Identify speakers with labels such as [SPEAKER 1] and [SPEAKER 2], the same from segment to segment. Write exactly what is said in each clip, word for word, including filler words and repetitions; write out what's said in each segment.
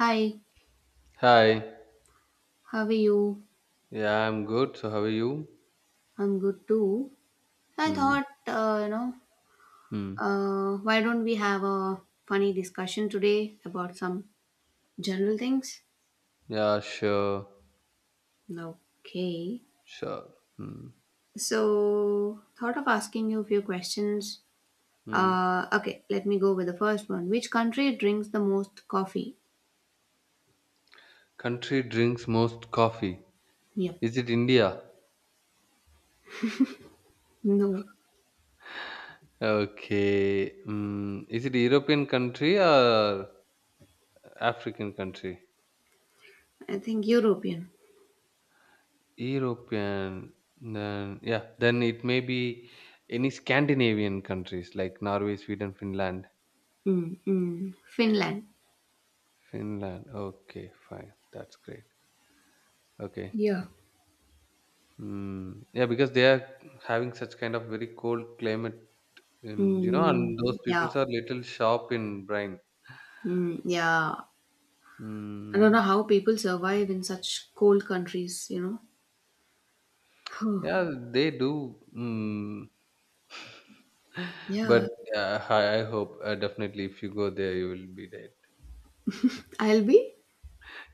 [SPEAKER 1] Hi,
[SPEAKER 2] Hi.
[SPEAKER 1] how are you?
[SPEAKER 2] Yeah, I'm good. So how are you?
[SPEAKER 1] I'm good too. I
[SPEAKER 2] Hmm.
[SPEAKER 1] thought, uh, you know,
[SPEAKER 2] Hmm.
[SPEAKER 1] uh, why don't we have a funny discussion today about some general things?
[SPEAKER 2] Yeah, sure.
[SPEAKER 1] Okay.
[SPEAKER 2] Sure. Hmm.
[SPEAKER 1] So, thought of asking you a few questions.
[SPEAKER 2] Hmm.
[SPEAKER 1] Uh, okay, let me go with the first one. Which country drinks the most coffee?
[SPEAKER 2] Country drinks most coffee.
[SPEAKER 1] Yep.
[SPEAKER 2] Is it India?
[SPEAKER 1] No,
[SPEAKER 2] Okay. Hmm. Is it European country or African country?
[SPEAKER 1] I think European.
[SPEAKER 2] European. Then yeah. Then it may be any Scandinavian countries like Norway, Sweden, Finland.
[SPEAKER 1] Mm-mm. Finland.
[SPEAKER 2] Finland. Okay, fine. That's great. Okay.
[SPEAKER 1] Yeah.
[SPEAKER 2] Mm, yeah, because they are having such kind of very cold climate, um, you know, and those
[SPEAKER 1] Mm, yeah.
[SPEAKER 2] peoples are little sharp in brain.
[SPEAKER 1] Mm, yeah. I don't know
[SPEAKER 2] Mm,
[SPEAKER 1] how people survive in such cold countries, you know. Phew.
[SPEAKER 2] yeah, they do. Mm. But
[SPEAKER 1] Yeah,
[SPEAKER 2] uh, I, I hope uh, definitely if you go there, you will be dead.
[SPEAKER 1] I'll be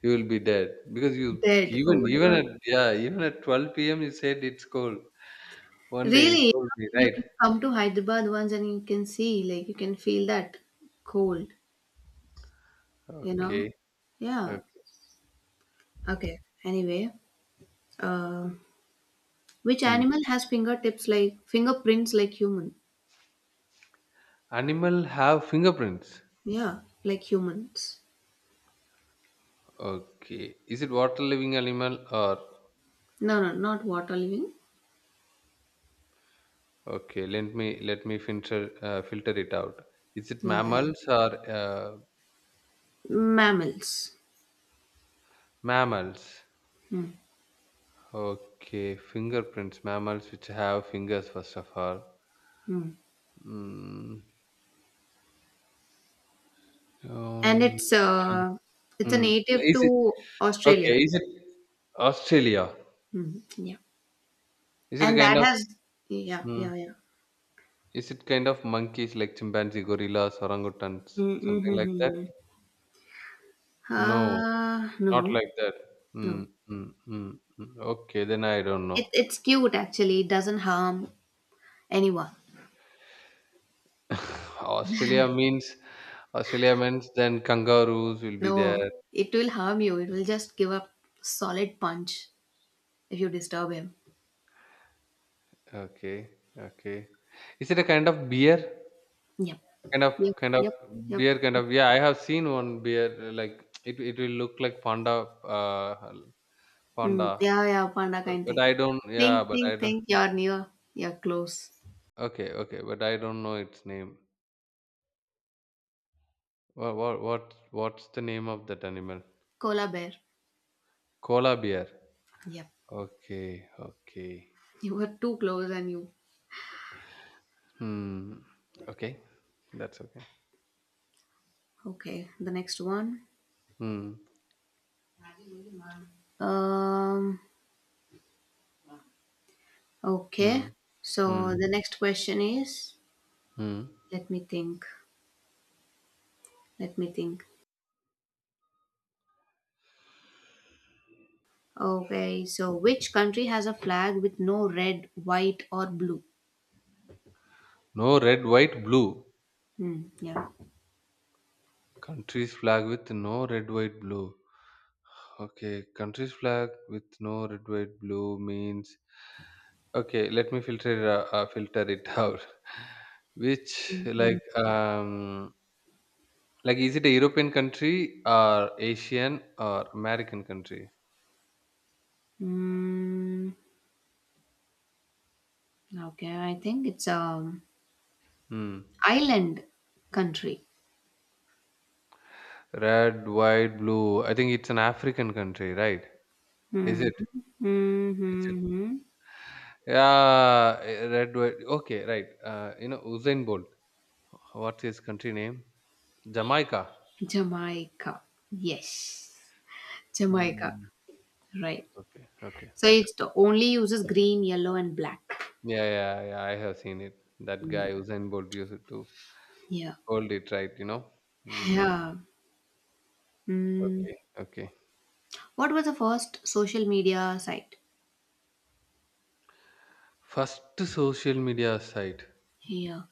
[SPEAKER 2] You will be dead because you
[SPEAKER 1] dead. Oh
[SPEAKER 2] even
[SPEAKER 1] my
[SPEAKER 2] even
[SPEAKER 1] god.
[SPEAKER 2] at yeah even at twelve p m you said it's cold. One day you
[SPEAKER 1] Really,
[SPEAKER 2] told me,
[SPEAKER 1] you
[SPEAKER 2] right.
[SPEAKER 1] can come to Hyderabad once and you can see, like, you can feel that cold, you know.
[SPEAKER 2] Okay,
[SPEAKER 1] Yeah.
[SPEAKER 2] okay.
[SPEAKER 1] Okay. Anyway, uh, which
[SPEAKER 2] Mm.
[SPEAKER 1] animal has fingertips like fingerprints like human?
[SPEAKER 2] Animal have fingerprints.
[SPEAKER 1] Yeah, like humans.
[SPEAKER 2] Okay, is it water living animal or
[SPEAKER 1] No, no, not water living.
[SPEAKER 2] okay, let me let me filter, uh, filter it out. Is it
[SPEAKER 1] Yeah, yeah.
[SPEAKER 2] mammals or uh,
[SPEAKER 1] Mammals.
[SPEAKER 2] mammals?
[SPEAKER 1] Hmm.
[SPEAKER 2] Okay, fingerprints, mammals which have fingers first of all.
[SPEAKER 1] Hmm.
[SPEAKER 2] Mm,
[SPEAKER 1] and
[SPEAKER 2] um,
[SPEAKER 1] it's uh, it's a
[SPEAKER 2] mm,
[SPEAKER 1] native
[SPEAKER 2] is it
[SPEAKER 1] to
[SPEAKER 2] okay?
[SPEAKER 1] Australia.
[SPEAKER 2] Is it Australia?
[SPEAKER 1] Mhm. Yeah.
[SPEAKER 2] Is it a
[SPEAKER 1] And
[SPEAKER 2] kind
[SPEAKER 1] that
[SPEAKER 2] of
[SPEAKER 1] has, yeah,
[SPEAKER 2] mm,
[SPEAKER 1] yeah, yeah.
[SPEAKER 2] is it kind of monkeys like chimpanzee, gorillas, orangutans, something like that?
[SPEAKER 1] Mm-hmm.
[SPEAKER 2] No,
[SPEAKER 1] Uh,
[SPEAKER 2] not
[SPEAKER 1] no,
[SPEAKER 2] like that.
[SPEAKER 1] no.
[SPEAKER 2] Mm, mm, mm, mm. Okay, then I don't
[SPEAKER 1] It
[SPEAKER 2] know.
[SPEAKER 1] it's cute actually. It doesn't harm anyone.
[SPEAKER 2] Australia means Australia means then kangaroos will be
[SPEAKER 1] No,
[SPEAKER 2] there.
[SPEAKER 1] it will harm you. It will just give a solid punch if you disturb him.
[SPEAKER 2] Okay, okay. Is it a kind of beer?
[SPEAKER 1] Yep
[SPEAKER 2] Kind of
[SPEAKER 1] Yep
[SPEAKER 2] kind of
[SPEAKER 1] yep yep.
[SPEAKER 2] beer, kind of yeah, I have seen one beer, uh, like it it will look like panda, uh
[SPEAKER 1] Mm,
[SPEAKER 2] panda.
[SPEAKER 1] yeah, yeah, panda
[SPEAKER 2] But
[SPEAKER 1] kind
[SPEAKER 2] but
[SPEAKER 1] thing.
[SPEAKER 2] I don't
[SPEAKER 1] Think,
[SPEAKER 2] yeah, but
[SPEAKER 1] think,
[SPEAKER 2] I don't
[SPEAKER 1] think. You're near. You're close.
[SPEAKER 2] okay, okay, but I don't know its name. What what what what's the name of that animal?
[SPEAKER 1] Koala bear.
[SPEAKER 2] Koala bear.
[SPEAKER 1] Yep.
[SPEAKER 2] Okay, okay.
[SPEAKER 1] You were too close and you.
[SPEAKER 2] Hmm. Okay. That's okay.
[SPEAKER 1] Okay, the next one.
[SPEAKER 2] Hmm.
[SPEAKER 1] Um, okay.
[SPEAKER 2] Hmm.
[SPEAKER 1] So
[SPEAKER 2] Hmm.
[SPEAKER 1] the next question is,
[SPEAKER 2] Mm.
[SPEAKER 1] let me think. Let me think. Okay, so which country has a flag with no red, white, or blue?
[SPEAKER 2] No red, white, blue.
[SPEAKER 1] Hmm, yeah.
[SPEAKER 2] Country's flag with no red, white, blue. Okay, country's flag with no red, white, blue means. Okay, let me filter it, uh, uh, filter it out. Which
[SPEAKER 1] Mm-hmm.
[SPEAKER 2] like um like is it a European country or Asian or American country?
[SPEAKER 1] Mm, okay, I think it's um
[SPEAKER 2] Hmm.
[SPEAKER 1] island country.
[SPEAKER 2] Red, white, blue. I think it's an African country, right? Is
[SPEAKER 1] Hmm.
[SPEAKER 2] it? Is it?
[SPEAKER 1] Mm-hmm.
[SPEAKER 2] Yeah, eh, red, white. Okay, right. Uh, you know, Usain Bolt. What's his country name? Jamaica.
[SPEAKER 1] Jamaica. Yes. Jamaica.
[SPEAKER 2] Hmm.
[SPEAKER 1] Right.
[SPEAKER 2] Okay, okay.
[SPEAKER 1] So
[SPEAKER 2] That.
[SPEAKER 1] it only uses green, yellow, and black.
[SPEAKER 2] Yeah, yeah, yeah. I have seen it. That
[SPEAKER 1] Mm.
[SPEAKER 2] guy Usain Bolt used to
[SPEAKER 1] Yeah.
[SPEAKER 2] hold it, right. You know. Hmm.
[SPEAKER 1] Yeah. Mm.
[SPEAKER 2] Okay, okay.
[SPEAKER 1] What was the first social media site?
[SPEAKER 2] First social media site.
[SPEAKER 1] Yeah.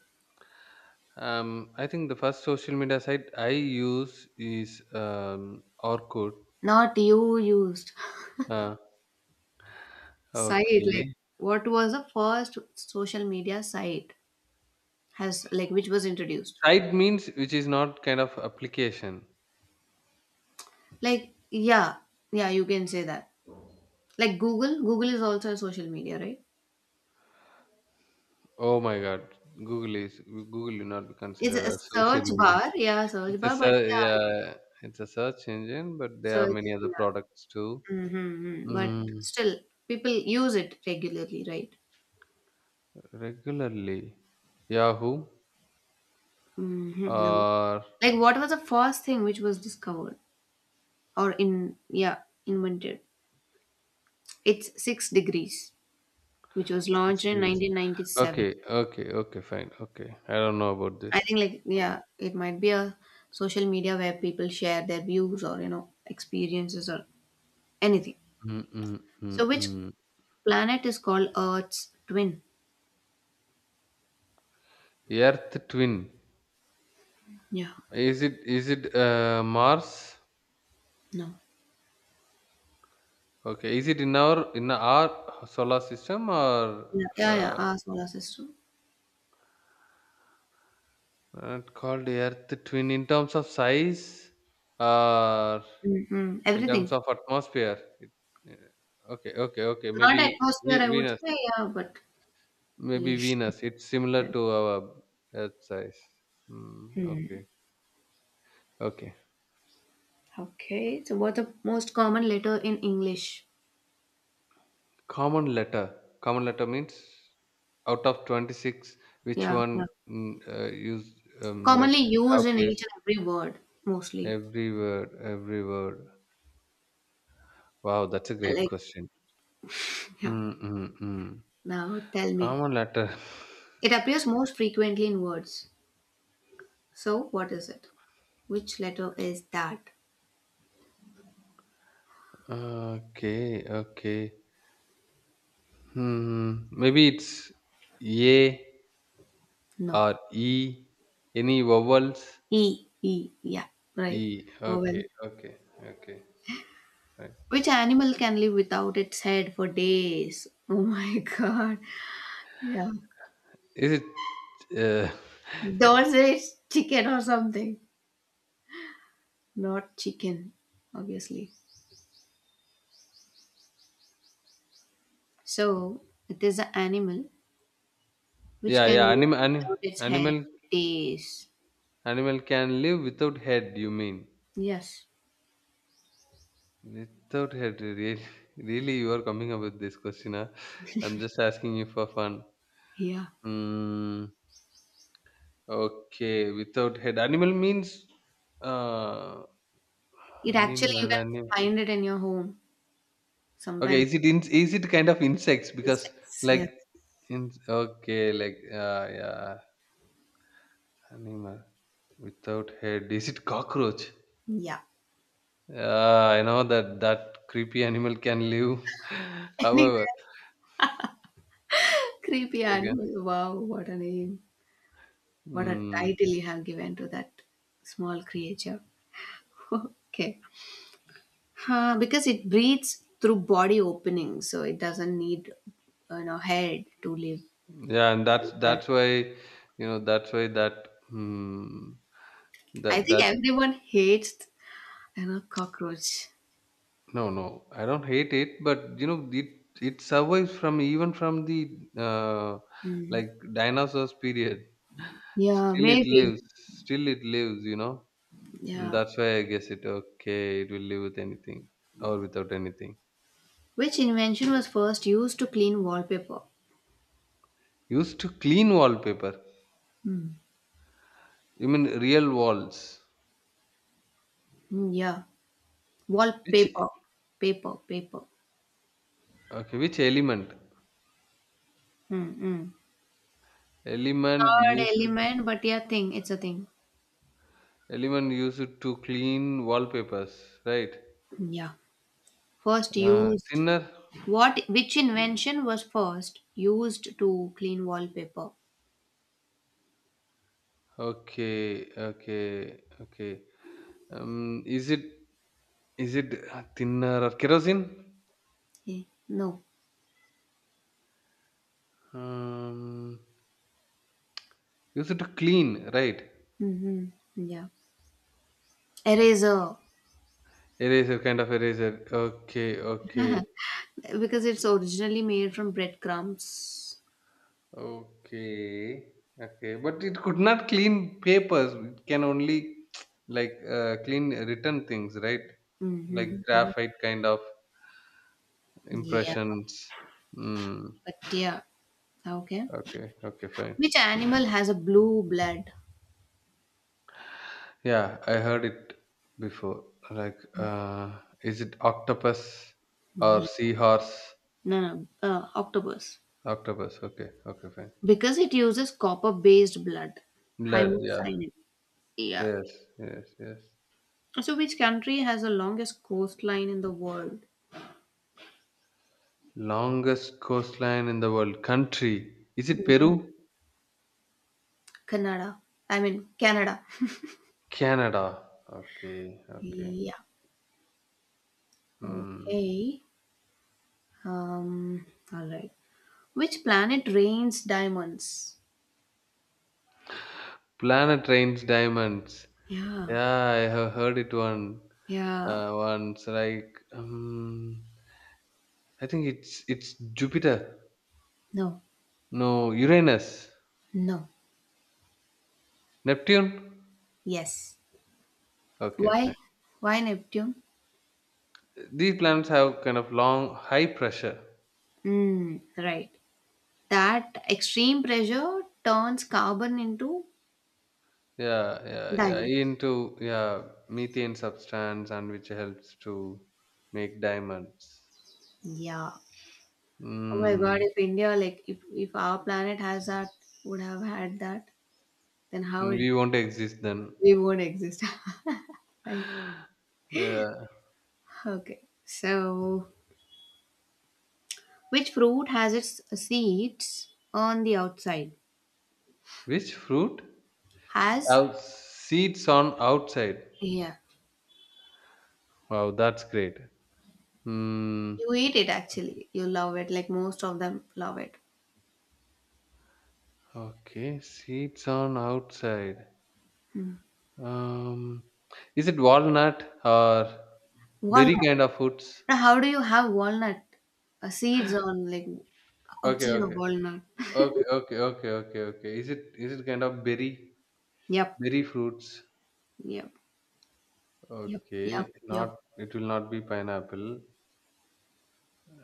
[SPEAKER 2] Um, I think the first social media site I use is, um, Orkut.
[SPEAKER 1] Not you used.
[SPEAKER 2] Uh,
[SPEAKER 1] Site, like,
[SPEAKER 2] okay.
[SPEAKER 1] what was the first social media site has, like, which was introduced?
[SPEAKER 2] Site means which is not kind of application.
[SPEAKER 1] Like, yeah. Yeah, you can say that. Like Google, Google is also a social media, right?
[SPEAKER 2] Oh my God. Google is Google will not be
[SPEAKER 1] It's
[SPEAKER 2] considered
[SPEAKER 1] a
[SPEAKER 2] as social
[SPEAKER 1] search
[SPEAKER 2] media.
[SPEAKER 1] bar. Yeah, search
[SPEAKER 2] It's a
[SPEAKER 1] bar, but
[SPEAKER 2] ser
[SPEAKER 1] yeah, like,
[SPEAKER 2] yeah, it's a search engine, but there are
[SPEAKER 1] search.
[SPEAKER 2] many other
[SPEAKER 1] Yeah.
[SPEAKER 2] products too.
[SPEAKER 1] Mm-hmm. But
[SPEAKER 2] Mm,
[SPEAKER 1] still, people use it regularly, right?
[SPEAKER 2] regularly, Yahoo
[SPEAKER 1] Mm-hmm. No.
[SPEAKER 2] or
[SPEAKER 1] Like, what was the first thing which was discovered or in, yeah, invented? It's six degrees, which was
[SPEAKER 2] six
[SPEAKER 1] launched in
[SPEAKER 2] degrees.
[SPEAKER 1] nineteen ninety-seven.
[SPEAKER 2] Okay, okay, okay, fine. Okay, I don't know about
[SPEAKER 1] I
[SPEAKER 2] this.
[SPEAKER 1] think, like, yeah, it might be a social media where people share their views or, you know, experiences or anything.
[SPEAKER 2] Mm, mm, mm,
[SPEAKER 1] So, which
[SPEAKER 2] mm.
[SPEAKER 1] planet is called Earth's twin?
[SPEAKER 2] Earth twin.
[SPEAKER 1] Yeah,
[SPEAKER 2] Is it is it uh, Mars?
[SPEAKER 1] no.
[SPEAKER 2] Okay, is it in our in our solar system, or
[SPEAKER 1] Yeah, yeah, yeah,
[SPEAKER 2] uh,
[SPEAKER 1] our solar system.
[SPEAKER 2] not called Earth twin in terms of size, or
[SPEAKER 1] Mm-hmm.
[SPEAKER 2] in terms
[SPEAKER 1] Everything.
[SPEAKER 2] of atmosphere, it, uh, okay, okay, okay.
[SPEAKER 1] Not
[SPEAKER 2] Maybe
[SPEAKER 1] atmosphere,
[SPEAKER 2] Ve-
[SPEAKER 1] I would
[SPEAKER 2] Venus.
[SPEAKER 1] say, yeah, but
[SPEAKER 2] Maybe
[SPEAKER 1] yeah.
[SPEAKER 2] Venus. It's similar to our Earth size. Hmm.
[SPEAKER 1] Hmm.
[SPEAKER 2] Okay, okay.
[SPEAKER 1] Okay. So what the most common letter in English?
[SPEAKER 2] Common letter. Common letter means out of twenty six, which
[SPEAKER 1] Yeah,
[SPEAKER 2] one
[SPEAKER 1] yeah.
[SPEAKER 2] mm, uh, use, um, like
[SPEAKER 1] Commonly used
[SPEAKER 2] have
[SPEAKER 1] in
[SPEAKER 2] place
[SPEAKER 1] each and every word, mostly.
[SPEAKER 2] every word, every word. Wow, that's a great
[SPEAKER 1] Like,
[SPEAKER 2] question.
[SPEAKER 1] yeah.
[SPEAKER 2] Mm, mm, mm.
[SPEAKER 1] Now tell me.
[SPEAKER 2] Common letter.
[SPEAKER 1] It appears most frequently in words. So what is it? Which letter is that?
[SPEAKER 2] Okay, okay. Hmm. Hmm. Maybe it's A,
[SPEAKER 1] No.
[SPEAKER 2] or E? Any vowels?
[SPEAKER 1] E. E. Yeah. Right.
[SPEAKER 2] E.
[SPEAKER 1] Vowel.
[SPEAKER 2] Okay, okay, okay. Right.
[SPEAKER 1] Which animal can live without its head for days? Oh my god. Yeah.
[SPEAKER 2] Is it? Uh,
[SPEAKER 1] Those is chicken or something. Not chicken, obviously. So it is an animal which
[SPEAKER 2] yeah,
[SPEAKER 1] can
[SPEAKER 2] yeah.
[SPEAKER 1] live
[SPEAKER 2] Animal, anim,
[SPEAKER 1] without its hair
[SPEAKER 2] animal,
[SPEAKER 1] for days.
[SPEAKER 2] animal can live without head. You mean
[SPEAKER 1] Yes.
[SPEAKER 2] without head? Really, really, you are coming up with this question? Huh? I'm just asking you for fun.
[SPEAKER 1] Yeah.
[SPEAKER 2] Mm, okay, without head. Animal means, uh,
[SPEAKER 1] It actually
[SPEAKER 2] animal,
[SPEAKER 1] you can
[SPEAKER 2] animal.
[SPEAKER 1] find it in your home.
[SPEAKER 2] Okay,
[SPEAKER 1] Sometimes
[SPEAKER 2] is it in, is it kind of insects, because
[SPEAKER 1] insects.
[SPEAKER 2] like
[SPEAKER 1] Yeah.
[SPEAKER 2] in, okay, like, uh, yeah, animal without head, is it cockroach?
[SPEAKER 1] Yeah.
[SPEAKER 2] Uh, I know that that creepy animal can live.
[SPEAKER 1] Anyway,
[SPEAKER 2] However,
[SPEAKER 1] creepy
[SPEAKER 2] again,
[SPEAKER 1] animal. Wow, what a name. What a
[SPEAKER 2] mm,
[SPEAKER 1] title you have given to that small creature. okay. Huh, because it breathes through body openings, so it doesn't need you know head to live.
[SPEAKER 2] yeah, and that's
[SPEAKER 1] So, but
[SPEAKER 2] that's why, you know that's why that, mm,
[SPEAKER 1] I
[SPEAKER 2] that
[SPEAKER 1] think
[SPEAKER 2] that
[SPEAKER 1] everyone hates you know cockroach.
[SPEAKER 2] no, no, I don't hate it, but you know, it it survives, from even from the, uh,
[SPEAKER 1] Hmm.
[SPEAKER 2] like dinosaurs period.
[SPEAKER 1] Yeah,
[SPEAKER 2] Still, it
[SPEAKER 1] maybe.
[SPEAKER 2] lives. Still, it lives. You know, and
[SPEAKER 1] Yeah.
[SPEAKER 2] that's why I guess it, okay. It will live with anything or without anything.
[SPEAKER 1] Which invention was first used to clean wallpaper?
[SPEAKER 2] Used to clean wallpaper.
[SPEAKER 1] Hmm.
[SPEAKER 2] You mean real walls?
[SPEAKER 1] Hmm, yeah,
[SPEAKER 2] Which
[SPEAKER 1] wallpaper, paper, paper.
[SPEAKER 2] okay? Which element?
[SPEAKER 1] Hmm. Hmm.
[SPEAKER 2] Element
[SPEAKER 1] Not
[SPEAKER 2] used to,
[SPEAKER 1] element, but yeah, thing. It's a thing.
[SPEAKER 2] element used to clean wallpapers, right?
[SPEAKER 1] Hmm, yeah. First
[SPEAKER 2] Uh,
[SPEAKER 1] used.
[SPEAKER 2] thinner.
[SPEAKER 1] What? Which invention was first used to clean wallpaper?
[SPEAKER 2] Okay, okay, okay. Um, is it, is it uh, thinner or kerosene?
[SPEAKER 1] Okay. No.
[SPEAKER 2] Um, use it to clean, right?
[SPEAKER 1] Hmm. Yeah. Eraser.
[SPEAKER 2] Eraser, kind of eraser. Okay, okay,
[SPEAKER 1] Because it's originally made from breadcrumbs.
[SPEAKER 2] okay, okay. But it could not clean papers. It can only, like, uh, clean written things, right? Like
[SPEAKER 1] Mm-hmm. Hmm.
[SPEAKER 2] graphite kind of
[SPEAKER 1] Yeah.
[SPEAKER 2] impressions. Mm,
[SPEAKER 1] But yeah. Okay.
[SPEAKER 2] okay, okay, fine.
[SPEAKER 1] Which animal has a blue blood?
[SPEAKER 2] Yeah, I heard it before. Like, uh, is it octopus or
[SPEAKER 1] Ye-
[SPEAKER 2] seahorse?
[SPEAKER 1] No, no. Uh, octopus.
[SPEAKER 2] Octopus. Okay, okay, fine.
[SPEAKER 1] Because it uses copper based blood.
[SPEAKER 2] Blood. Yeah.
[SPEAKER 1] Hemocyanin. Yeah.
[SPEAKER 2] Yes, yes, yes.
[SPEAKER 1] So, which country has the longest coastline in the world?
[SPEAKER 2] Longest coastline in the world. Country. Is it
[SPEAKER 1] Yeah.
[SPEAKER 2] Peru?
[SPEAKER 1] Canada. I mean, Canada.
[SPEAKER 2] Canada. Okay, okay.
[SPEAKER 1] Yeah.
[SPEAKER 2] Hmm.
[SPEAKER 1] Okay. Um, all right. Which planet rains diamonds?
[SPEAKER 2] Planet Rains Diamonds.
[SPEAKER 1] Yeah,
[SPEAKER 2] Yeah, I have heard it one
[SPEAKER 1] yeah.
[SPEAKER 2] uh, once. Like, um, I think it's it's Jupiter.
[SPEAKER 1] No,
[SPEAKER 2] No, Uranus.
[SPEAKER 1] no.
[SPEAKER 2] Neptune?
[SPEAKER 1] Yes.
[SPEAKER 2] Okay,
[SPEAKER 1] Why?
[SPEAKER 2] fine.
[SPEAKER 1] Why Neptune?
[SPEAKER 2] These planets have kind of long, high pressure.
[SPEAKER 1] Hmm. Right. That extreme pressure turns carbon into
[SPEAKER 2] Yeah, yeah, yeah. E
[SPEAKER 1] diamonds.
[SPEAKER 2] Into, yeah, methane substance, and which helps to make diamonds.
[SPEAKER 1] Yeah. Oh my God!
[SPEAKER 2] Mm,
[SPEAKER 1] If India, like, if if our planet has that, would have had that, then how it,
[SPEAKER 2] we won't exist then.
[SPEAKER 1] we won't exist, right?
[SPEAKER 2] Yeah.
[SPEAKER 1] Okay. So, which fruit has its seeds on the outside?
[SPEAKER 2] Which fruit
[SPEAKER 1] Has?
[SPEAKER 2] have seeds on outside?
[SPEAKER 1] Yeah.
[SPEAKER 2] Wow, that's great. Hmm.
[SPEAKER 1] You eat it actually. You love it, like most of them love it.
[SPEAKER 2] Okay, seeds on outside. Um, is it walnut, or berry
[SPEAKER 1] Walnut.
[SPEAKER 2] kind of fruits?
[SPEAKER 1] Now, how do you have walnut uh, seeds on like
[SPEAKER 2] Okay,
[SPEAKER 1] outside of
[SPEAKER 2] okay,
[SPEAKER 1] walnut?
[SPEAKER 2] okay, okay, okay, okay, okay. Is it is it kind of berry
[SPEAKER 1] Yep,
[SPEAKER 2] berry fruits?
[SPEAKER 1] yep, yep, yep,
[SPEAKER 2] Okay,
[SPEAKER 1] yep.
[SPEAKER 2] not it will not be pineapple.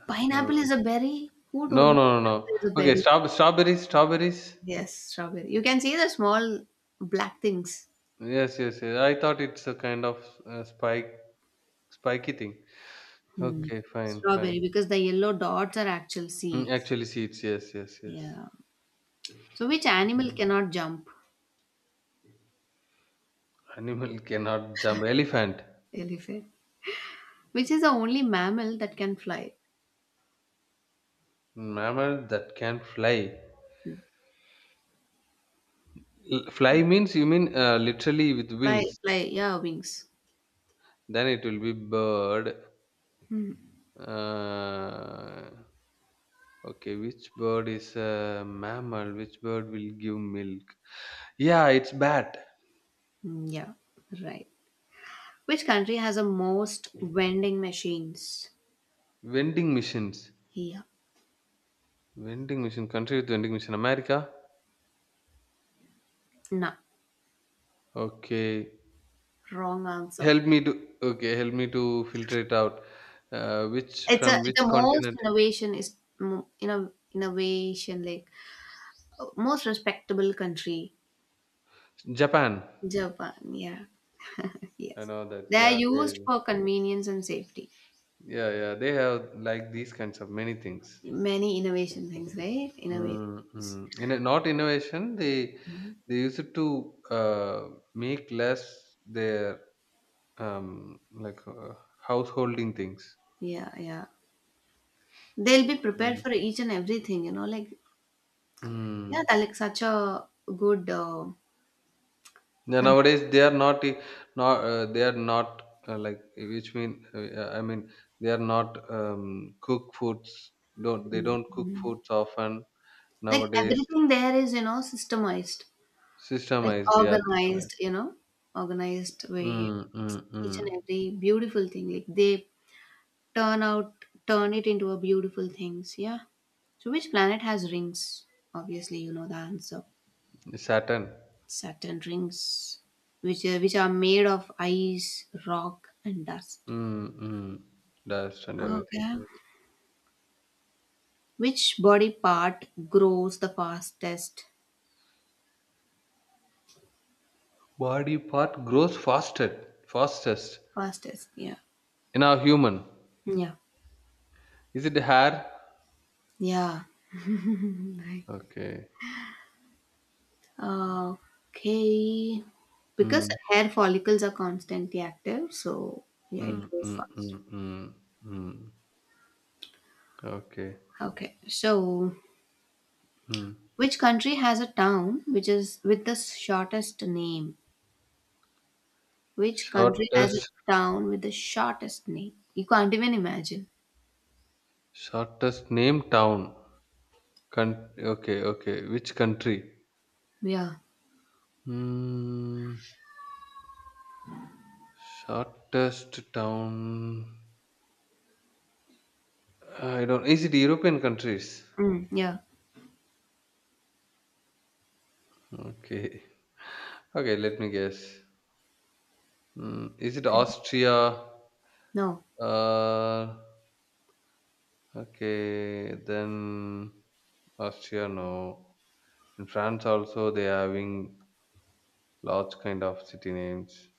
[SPEAKER 1] Pineapple
[SPEAKER 2] Uh,
[SPEAKER 1] is a berry. Who told
[SPEAKER 2] no,
[SPEAKER 1] you
[SPEAKER 2] no, no,
[SPEAKER 1] pineapple
[SPEAKER 2] no.
[SPEAKER 1] is a
[SPEAKER 2] Okay,
[SPEAKER 1] berry?
[SPEAKER 2] straw strawberries, strawberries.
[SPEAKER 1] Yes, strawberry. You can see the small black things.
[SPEAKER 2] Yes, yes, yes. I thought it's a kind of, uh, spike spiky thing.
[SPEAKER 1] Hmm.
[SPEAKER 2] Okay, fine,
[SPEAKER 1] Strawberry,
[SPEAKER 2] fine.
[SPEAKER 1] because the yellow dots are actual
[SPEAKER 2] Mm,
[SPEAKER 1] seeds.
[SPEAKER 2] actually, seeds. Yes, yes, yes.
[SPEAKER 1] Yeah. So, which animal
[SPEAKER 2] Mm.
[SPEAKER 1] cannot jump?
[SPEAKER 2] Animal cannot jump. Elephant.
[SPEAKER 1] Elephant. Which is the only mammal that can fly?
[SPEAKER 2] Mm, mammal that can fly. L- fly means you mean, uh, literally with
[SPEAKER 1] Fly,
[SPEAKER 2] wings.
[SPEAKER 1] fly, yeah, wings.
[SPEAKER 2] Then it will be bird. Uh, okay, which bird is a mammal? Which bird will give milk? Yeah, it's bat.
[SPEAKER 1] Mm, yeah, right. Which country has the most vending machines?
[SPEAKER 2] Vending machines.
[SPEAKER 1] Yeah,
[SPEAKER 2] Vending machine. Country with vending machine. America.
[SPEAKER 1] no,
[SPEAKER 2] Okay.
[SPEAKER 1] wrong answer.
[SPEAKER 2] Help me to. Okay, help me to filter it out. Uh, which
[SPEAKER 1] It's a
[SPEAKER 2] from
[SPEAKER 1] the
[SPEAKER 2] which
[SPEAKER 1] most
[SPEAKER 2] continent?
[SPEAKER 1] innovation is mo- inno, innovation like uh, most respectable country.
[SPEAKER 2] Japan.
[SPEAKER 1] Japan. Yeah,
[SPEAKER 2] I
[SPEAKER 1] yes.
[SPEAKER 2] know that.
[SPEAKER 1] They are
[SPEAKER 2] Yeah,
[SPEAKER 1] used
[SPEAKER 2] they.
[SPEAKER 1] for convenience and safety.
[SPEAKER 2] Yeah, yeah. They have like these kinds of many things.
[SPEAKER 1] Many innovation things, right? Innovative.
[SPEAKER 2] Mm, mm. In a, not innovation, they they use it to, uh, make less their, um, like, uh, householding things.
[SPEAKER 1] Yeah, yeah. They'll be prepared
[SPEAKER 2] Mm.
[SPEAKER 1] for each and everything, you know, like, yeah,
[SPEAKER 2] Mm.
[SPEAKER 1] they're like such a good uh,
[SPEAKER 2] Yeah,
[SPEAKER 1] country.
[SPEAKER 2] nowadays they are not, i- not, uh, they are not, uh, like which mean, uh, I mean they are not, um, cook foods. Don't they don't cook foods often
[SPEAKER 1] Like
[SPEAKER 2] nowadays.
[SPEAKER 1] everything there is, you know, systemized, like
[SPEAKER 2] Systemized, yeah. Systemized.
[SPEAKER 1] organized, you know, organized way.
[SPEAKER 2] Mm, mm,
[SPEAKER 1] Each and
[SPEAKER 2] mm.
[SPEAKER 1] every beautiful thing, like they turn out, turn it into a beautiful things. Yeah. So which planet has rings? Obviously, you know the answer.
[SPEAKER 2] Saturn.
[SPEAKER 1] Saturn rings, which are, which are made of ice, rock, and dust.
[SPEAKER 2] Mm, mm. Dust and everything.
[SPEAKER 1] Okay.
[SPEAKER 2] Yes.
[SPEAKER 1] Which body part grows the fastest?
[SPEAKER 2] Body part grows fastest, fastest
[SPEAKER 1] Fastest. Yeah.
[SPEAKER 2] in a human?
[SPEAKER 1] Yeah.
[SPEAKER 2] Is it hair?
[SPEAKER 1] Yeah. Nice.
[SPEAKER 2] Okay.
[SPEAKER 1] Okay. Because
[SPEAKER 2] Mm,
[SPEAKER 1] hair follicles are constantly active, so yeah, it
[SPEAKER 2] mm,
[SPEAKER 1] grows
[SPEAKER 2] mm,
[SPEAKER 1] fast.
[SPEAKER 2] mm, mm, mm. Okay.
[SPEAKER 1] Okay. So,
[SPEAKER 2] Mm.
[SPEAKER 1] which country has a town which is with the shortest name? Which country has
[SPEAKER 2] Shortest
[SPEAKER 1] a town with the shortest name? You can't even imagine.
[SPEAKER 2] shortest name town. Con- okay, okay. Which country?
[SPEAKER 1] Yeah.
[SPEAKER 2] Hmm. Shortest town. I don't. Is it European countries?
[SPEAKER 1] Mm, yeah.
[SPEAKER 2] Okay. Okay. Let me guess. Mm, is it
[SPEAKER 1] Okay.
[SPEAKER 2] Austria?
[SPEAKER 1] No,
[SPEAKER 2] Uh, Okay, then Austria, no. In France also they are having large kind of city names.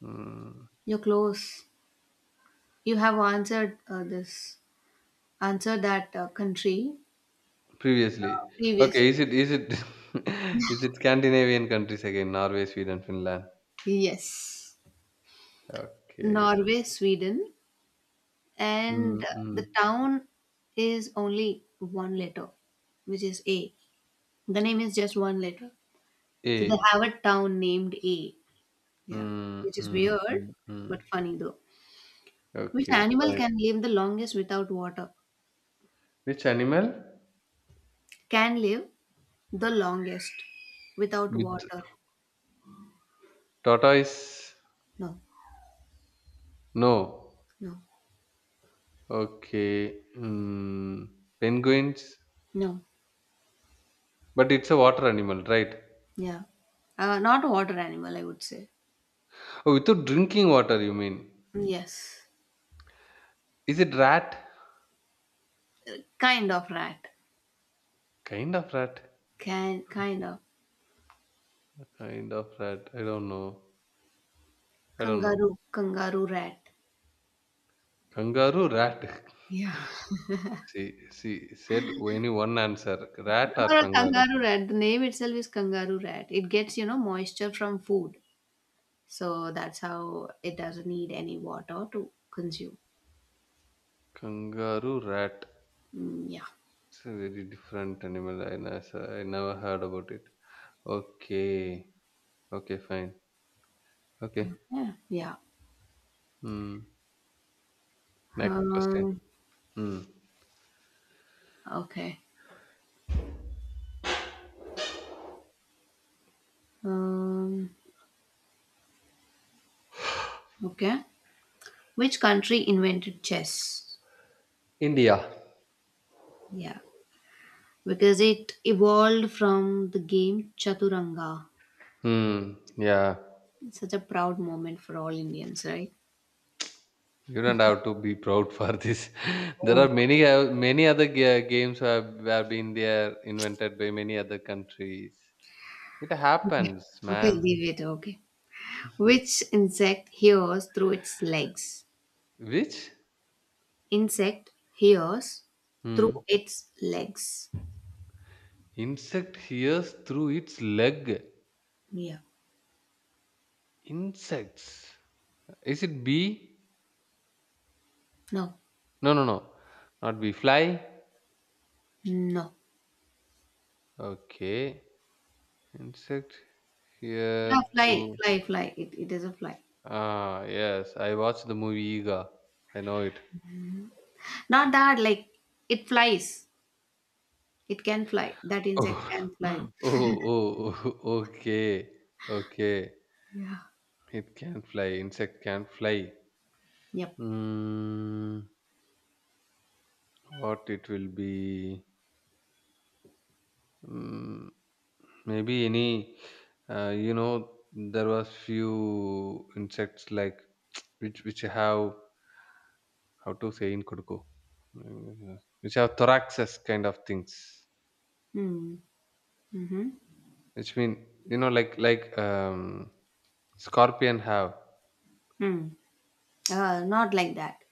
[SPEAKER 2] Hmm.
[SPEAKER 1] you're close. You have answered uh, this, answered that uh, country uh,
[SPEAKER 2] Previously,
[SPEAKER 1] previous.
[SPEAKER 2] okay, is it is it is it Scandinavian countries again? Norway, Sweden, Finland.
[SPEAKER 1] Yes.
[SPEAKER 2] Okay.
[SPEAKER 1] Norway, Sweden, and
[SPEAKER 2] Mm, mm.
[SPEAKER 1] the town is only one letter, which is A. The name is just one letter. So they
[SPEAKER 2] A.
[SPEAKER 1] have a town named A. Yeah,
[SPEAKER 2] Mm,
[SPEAKER 1] which is
[SPEAKER 2] mm,
[SPEAKER 1] weird
[SPEAKER 2] mm,
[SPEAKER 1] but
[SPEAKER 2] mm.
[SPEAKER 1] funny though. Which
[SPEAKER 2] Okay,
[SPEAKER 1] animal
[SPEAKER 2] fine.
[SPEAKER 1] can live the longest without water?
[SPEAKER 2] Which animal?
[SPEAKER 1] Can live the longest without
[SPEAKER 2] With
[SPEAKER 1] water.
[SPEAKER 2] tortoise?
[SPEAKER 1] No,
[SPEAKER 2] No.
[SPEAKER 1] no,
[SPEAKER 2] Okay. Mm. Penguins?
[SPEAKER 1] no.
[SPEAKER 2] But it's a water animal, right?
[SPEAKER 1] Yeah. Uh, not a water animal, I would say.
[SPEAKER 2] Oh, without drinking water, you mean?
[SPEAKER 1] Yes.
[SPEAKER 2] Is it rat?
[SPEAKER 1] Kind of rat.
[SPEAKER 2] Kind of rat.
[SPEAKER 1] Can kind of
[SPEAKER 2] Kind of rat. I don't know. I don't know.
[SPEAKER 1] kangaroo, kangaroo rat.
[SPEAKER 2] Kangaroo, rat.
[SPEAKER 1] Yeah.
[SPEAKER 2] she she said any one answer. Rat or
[SPEAKER 1] Or a
[SPEAKER 2] kangaroo?
[SPEAKER 1] kangaroo rat. The name itself is kangaroo rat. It gets, you know, moisture from food. So that's how it doesn't need any water to consume.
[SPEAKER 2] Kangaroo, rat.
[SPEAKER 1] Mm, yeah.
[SPEAKER 2] It's a very different animal. I, nes- I never heard about it. Okay. Okay, fine. Okay.
[SPEAKER 1] Yeah. Yeah.
[SPEAKER 2] Hmm. Next question.
[SPEAKER 1] Um,
[SPEAKER 2] Hmm.
[SPEAKER 1] okay. Um, okay. Which country invented chess?
[SPEAKER 2] India.
[SPEAKER 1] Yeah. Because it evolved from the game Chaturanga.
[SPEAKER 2] Hmm. Yeah.
[SPEAKER 1] It's such a proud moment for all Indians, right?
[SPEAKER 2] You don't have to be proud for this. There
[SPEAKER 1] Oh
[SPEAKER 2] are
[SPEAKER 1] my.
[SPEAKER 2] many, uh, many other ga- games have, have been there invented by many other countries. It
[SPEAKER 1] Okay.
[SPEAKER 2] happens,
[SPEAKER 1] Okay,
[SPEAKER 2] man.
[SPEAKER 1] leave it. Okay. Which insect hears through its legs?
[SPEAKER 2] Which
[SPEAKER 1] Insect hears through
[SPEAKER 2] hmm.
[SPEAKER 1] its legs.
[SPEAKER 2] insect hears through its leg?
[SPEAKER 1] Yeah.
[SPEAKER 2] Insects. Is it bee?
[SPEAKER 1] No.
[SPEAKER 2] No, no, no. Not bee. Fly.
[SPEAKER 1] No.
[SPEAKER 2] Okay. Insect
[SPEAKER 1] Yeah,
[SPEAKER 2] hear
[SPEAKER 1] fly,
[SPEAKER 2] through.
[SPEAKER 1] fly, fly. It, it is a fly.
[SPEAKER 2] Ah, yes. I watched the movie Ega. I know it.
[SPEAKER 1] Not that, like, it flies. It can fly. That insect
[SPEAKER 2] Oh,
[SPEAKER 1] can fly.
[SPEAKER 2] oh, oh, oh, okay, okay.
[SPEAKER 1] Yeah.
[SPEAKER 2] It can fly. Insect can fly.
[SPEAKER 1] Yep.
[SPEAKER 2] Mm, what it will be? Mm, maybe any. Uh, you know, there was few insects like, which which have, how to say in Kuduku, mm, which have thoraxes kind of things.
[SPEAKER 1] Hmm. Mm-hmm.
[SPEAKER 2] Which mean, you know like like um scorpion have,
[SPEAKER 1] Hmm. Uh, not like that.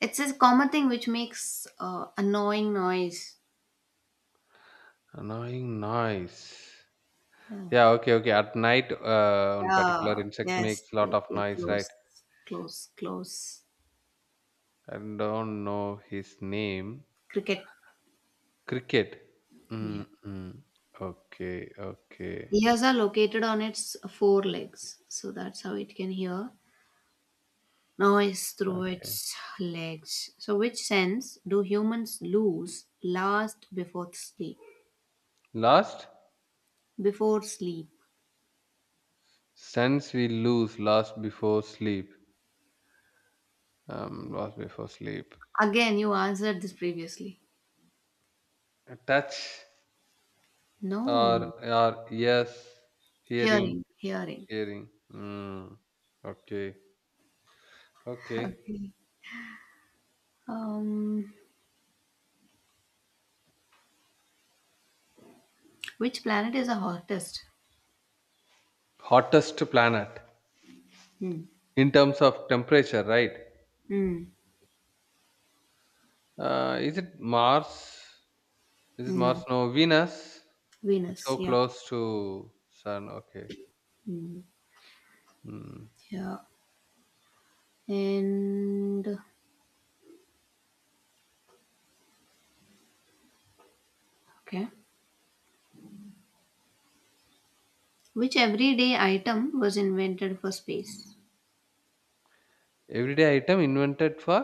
[SPEAKER 1] It's a common thing which makes uh, annoying noise.
[SPEAKER 2] annoying noise.
[SPEAKER 1] Yeah.
[SPEAKER 2] Yeah, okay, okay. At night, uh, one particular
[SPEAKER 1] Yeah.
[SPEAKER 2] insect
[SPEAKER 1] Yes.
[SPEAKER 2] makes lot of
[SPEAKER 1] You're
[SPEAKER 2] noise, right?
[SPEAKER 1] close. Close. Close.
[SPEAKER 2] I don't know his name.
[SPEAKER 1] Cricket.
[SPEAKER 2] Cricket.
[SPEAKER 1] Yeah.
[SPEAKER 2] Mm-mm. Okay, okay,
[SPEAKER 1] Ears are located on its four legs, so that's how it can hear noise through
[SPEAKER 2] okay.
[SPEAKER 1] its legs. So, which sense do humans lose last before sleep?
[SPEAKER 2] Last,
[SPEAKER 1] Before sleep.
[SPEAKER 2] since we lose, last before sleep. Um, lost before sleep.
[SPEAKER 1] Again, you answered this previously.
[SPEAKER 2] A touch, or
[SPEAKER 1] No.
[SPEAKER 2] or, yes, hearing,
[SPEAKER 1] Hearing. Hearing.
[SPEAKER 2] hearing. Mm. Okay, okay.
[SPEAKER 1] Um, which planet is the hottest?
[SPEAKER 2] Hottest planet
[SPEAKER 1] Hmm.
[SPEAKER 2] in terms of temperature, right?
[SPEAKER 1] Hmm.
[SPEAKER 2] Uh, is it Mars? Is it Mars?
[SPEAKER 1] No.
[SPEAKER 2] No, Venus. It's
[SPEAKER 1] Venus.
[SPEAKER 2] so
[SPEAKER 1] Yeah.
[SPEAKER 2] close to Sun. Okay.
[SPEAKER 1] Hmm.
[SPEAKER 2] Hmm.
[SPEAKER 1] Yeah. And okay. Which everyday item was invented for space?
[SPEAKER 2] Everyday item invented for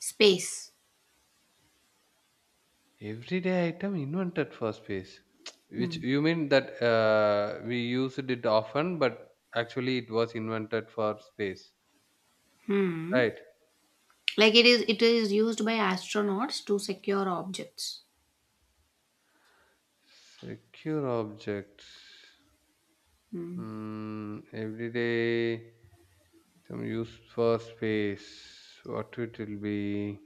[SPEAKER 1] Space.
[SPEAKER 2] everyday item invented for space. Which
[SPEAKER 1] Hmm.
[SPEAKER 2] you mean that, uh, we used it often, but actually it was invented for space,
[SPEAKER 1] Hmm.
[SPEAKER 2] right?
[SPEAKER 1] Like it is it is used by astronauts to secure objects.
[SPEAKER 2] Secure object.
[SPEAKER 1] Hmm.
[SPEAKER 2] Hmm. Everyday item used for space. What it will be?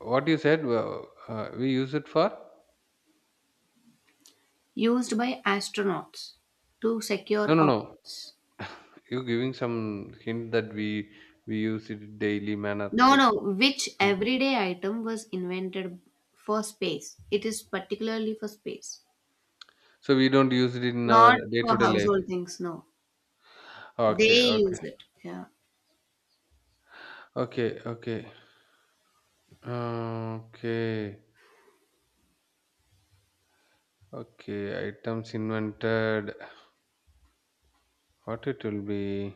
[SPEAKER 2] What you said, uh, uh, we use it for?
[SPEAKER 1] Used by astronauts to
[SPEAKER 2] No,
[SPEAKER 1] secure
[SPEAKER 2] no, no.
[SPEAKER 1] objects.
[SPEAKER 2] You're giving some hint that we we use it in daily manner,
[SPEAKER 1] No, no,
[SPEAKER 2] like.
[SPEAKER 1] which
[SPEAKER 2] Mm.
[SPEAKER 1] everyday item was invented for space? It is particularly for space.
[SPEAKER 2] So we don't use it in our
[SPEAKER 1] Not for
[SPEAKER 2] day-to-day life.
[SPEAKER 1] household things, no.
[SPEAKER 2] Okay,
[SPEAKER 1] They
[SPEAKER 2] okay,
[SPEAKER 1] use it. Yeah.
[SPEAKER 2] okay, okay. Uh, okay, okay. Items invented. What it will be?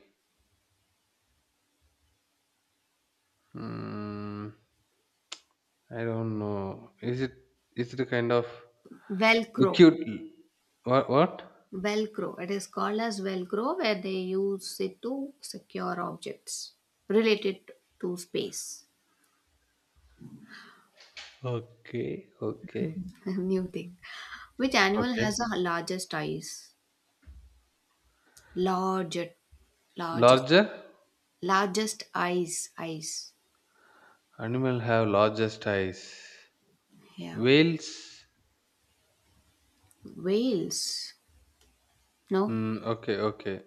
[SPEAKER 2] Mm, I don't know. Is it is it a kind of
[SPEAKER 1] Velcro.
[SPEAKER 2] liquid? What what?
[SPEAKER 1] Velcro. It is called as Velcro where they use it to secure objects related to space.
[SPEAKER 2] Okay, okay,
[SPEAKER 1] New thing. Which animal has
[SPEAKER 2] okay.
[SPEAKER 1] the largest eyes? Largest, largest,
[SPEAKER 2] Larger
[SPEAKER 1] largest eyes. Eyes.
[SPEAKER 2] animal have largest eyes.
[SPEAKER 1] Yeah.
[SPEAKER 2] Whales.
[SPEAKER 1] Whales. No.
[SPEAKER 2] Mm, okay, okay,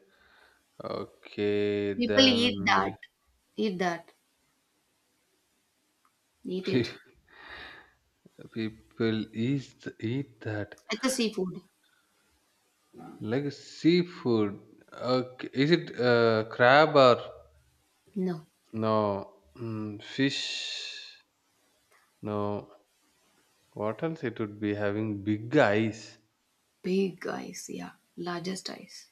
[SPEAKER 2] okay.
[SPEAKER 1] People eat that.
[SPEAKER 2] Then
[SPEAKER 1] Eat that. Eat it.
[SPEAKER 2] people eat, th- eat that
[SPEAKER 1] It's a seafood.
[SPEAKER 2] like seafood. Okay, is it, uh, crab, or
[SPEAKER 1] No.
[SPEAKER 2] no, mm, fish? No. What else? It would be having big eyes.
[SPEAKER 1] Big eyes. Yeah. Largest eyes.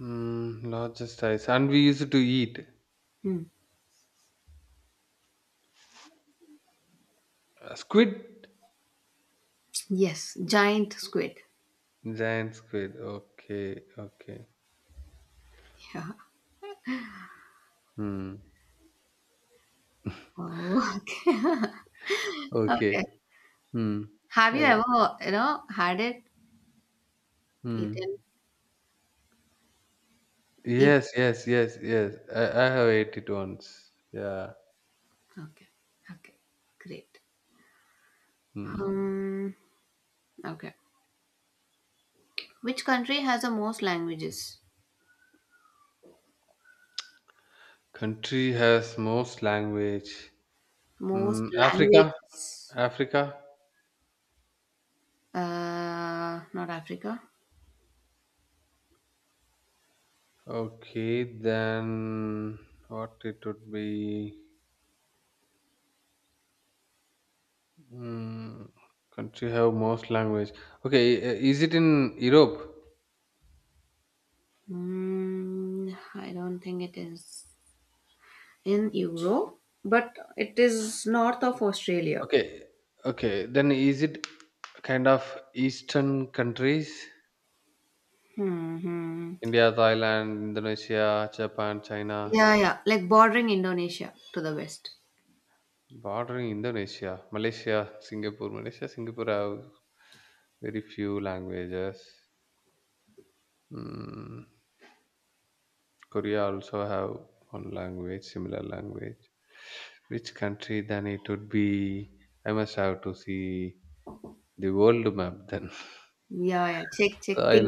[SPEAKER 2] Mm, largest eyes, and we used to eat.
[SPEAKER 1] Hmm.
[SPEAKER 2] Uh, squid.
[SPEAKER 1] Yes. Giant squid.
[SPEAKER 2] Giant squid. Okay, okay.
[SPEAKER 1] Yeah.
[SPEAKER 2] Hmm.
[SPEAKER 1] Oh,
[SPEAKER 2] Okay.
[SPEAKER 1] okay.
[SPEAKER 2] Hmm.
[SPEAKER 1] Have you
[SPEAKER 2] Okay.
[SPEAKER 1] ever, you know, had it,
[SPEAKER 2] Hmm.
[SPEAKER 1] eaten,
[SPEAKER 2] Yes,
[SPEAKER 1] eaten?
[SPEAKER 2] yes, yes, yes. I, I have ate it once. Yeah.
[SPEAKER 1] Okay. Okay. Great.
[SPEAKER 2] Hmm.
[SPEAKER 1] Um, okay. Which country has the most languages?
[SPEAKER 2] Country has most language.
[SPEAKER 1] Most
[SPEAKER 2] Hmm. Africa?
[SPEAKER 1] languages?
[SPEAKER 2] Africa?
[SPEAKER 1] Uh, not Africa.
[SPEAKER 2] Okay, then what it would be? Hmm. Country have most language. Okay, i- is it in Europe?
[SPEAKER 1] Mm, I don't think it is in Euro, but it is north of Australia.
[SPEAKER 2] Okay. Okay, then is it kind of Eastern countries?
[SPEAKER 1] Hmm.
[SPEAKER 2] India, Thailand, Indonesia, Japan, China,
[SPEAKER 1] Yeah, yeah. Like bordering Indonesia to the west.
[SPEAKER 2] bordering Indonesia, Malaysia, Singapore. Malaysia, Singapore have very few languages. Mm, Korea also have one language, similar language. Which country then it would be? I must have to see the world map then.
[SPEAKER 1] Yeah, yeah. Check,
[SPEAKER 2] So
[SPEAKER 1] check,
[SPEAKER 2] I
[SPEAKER 1] think.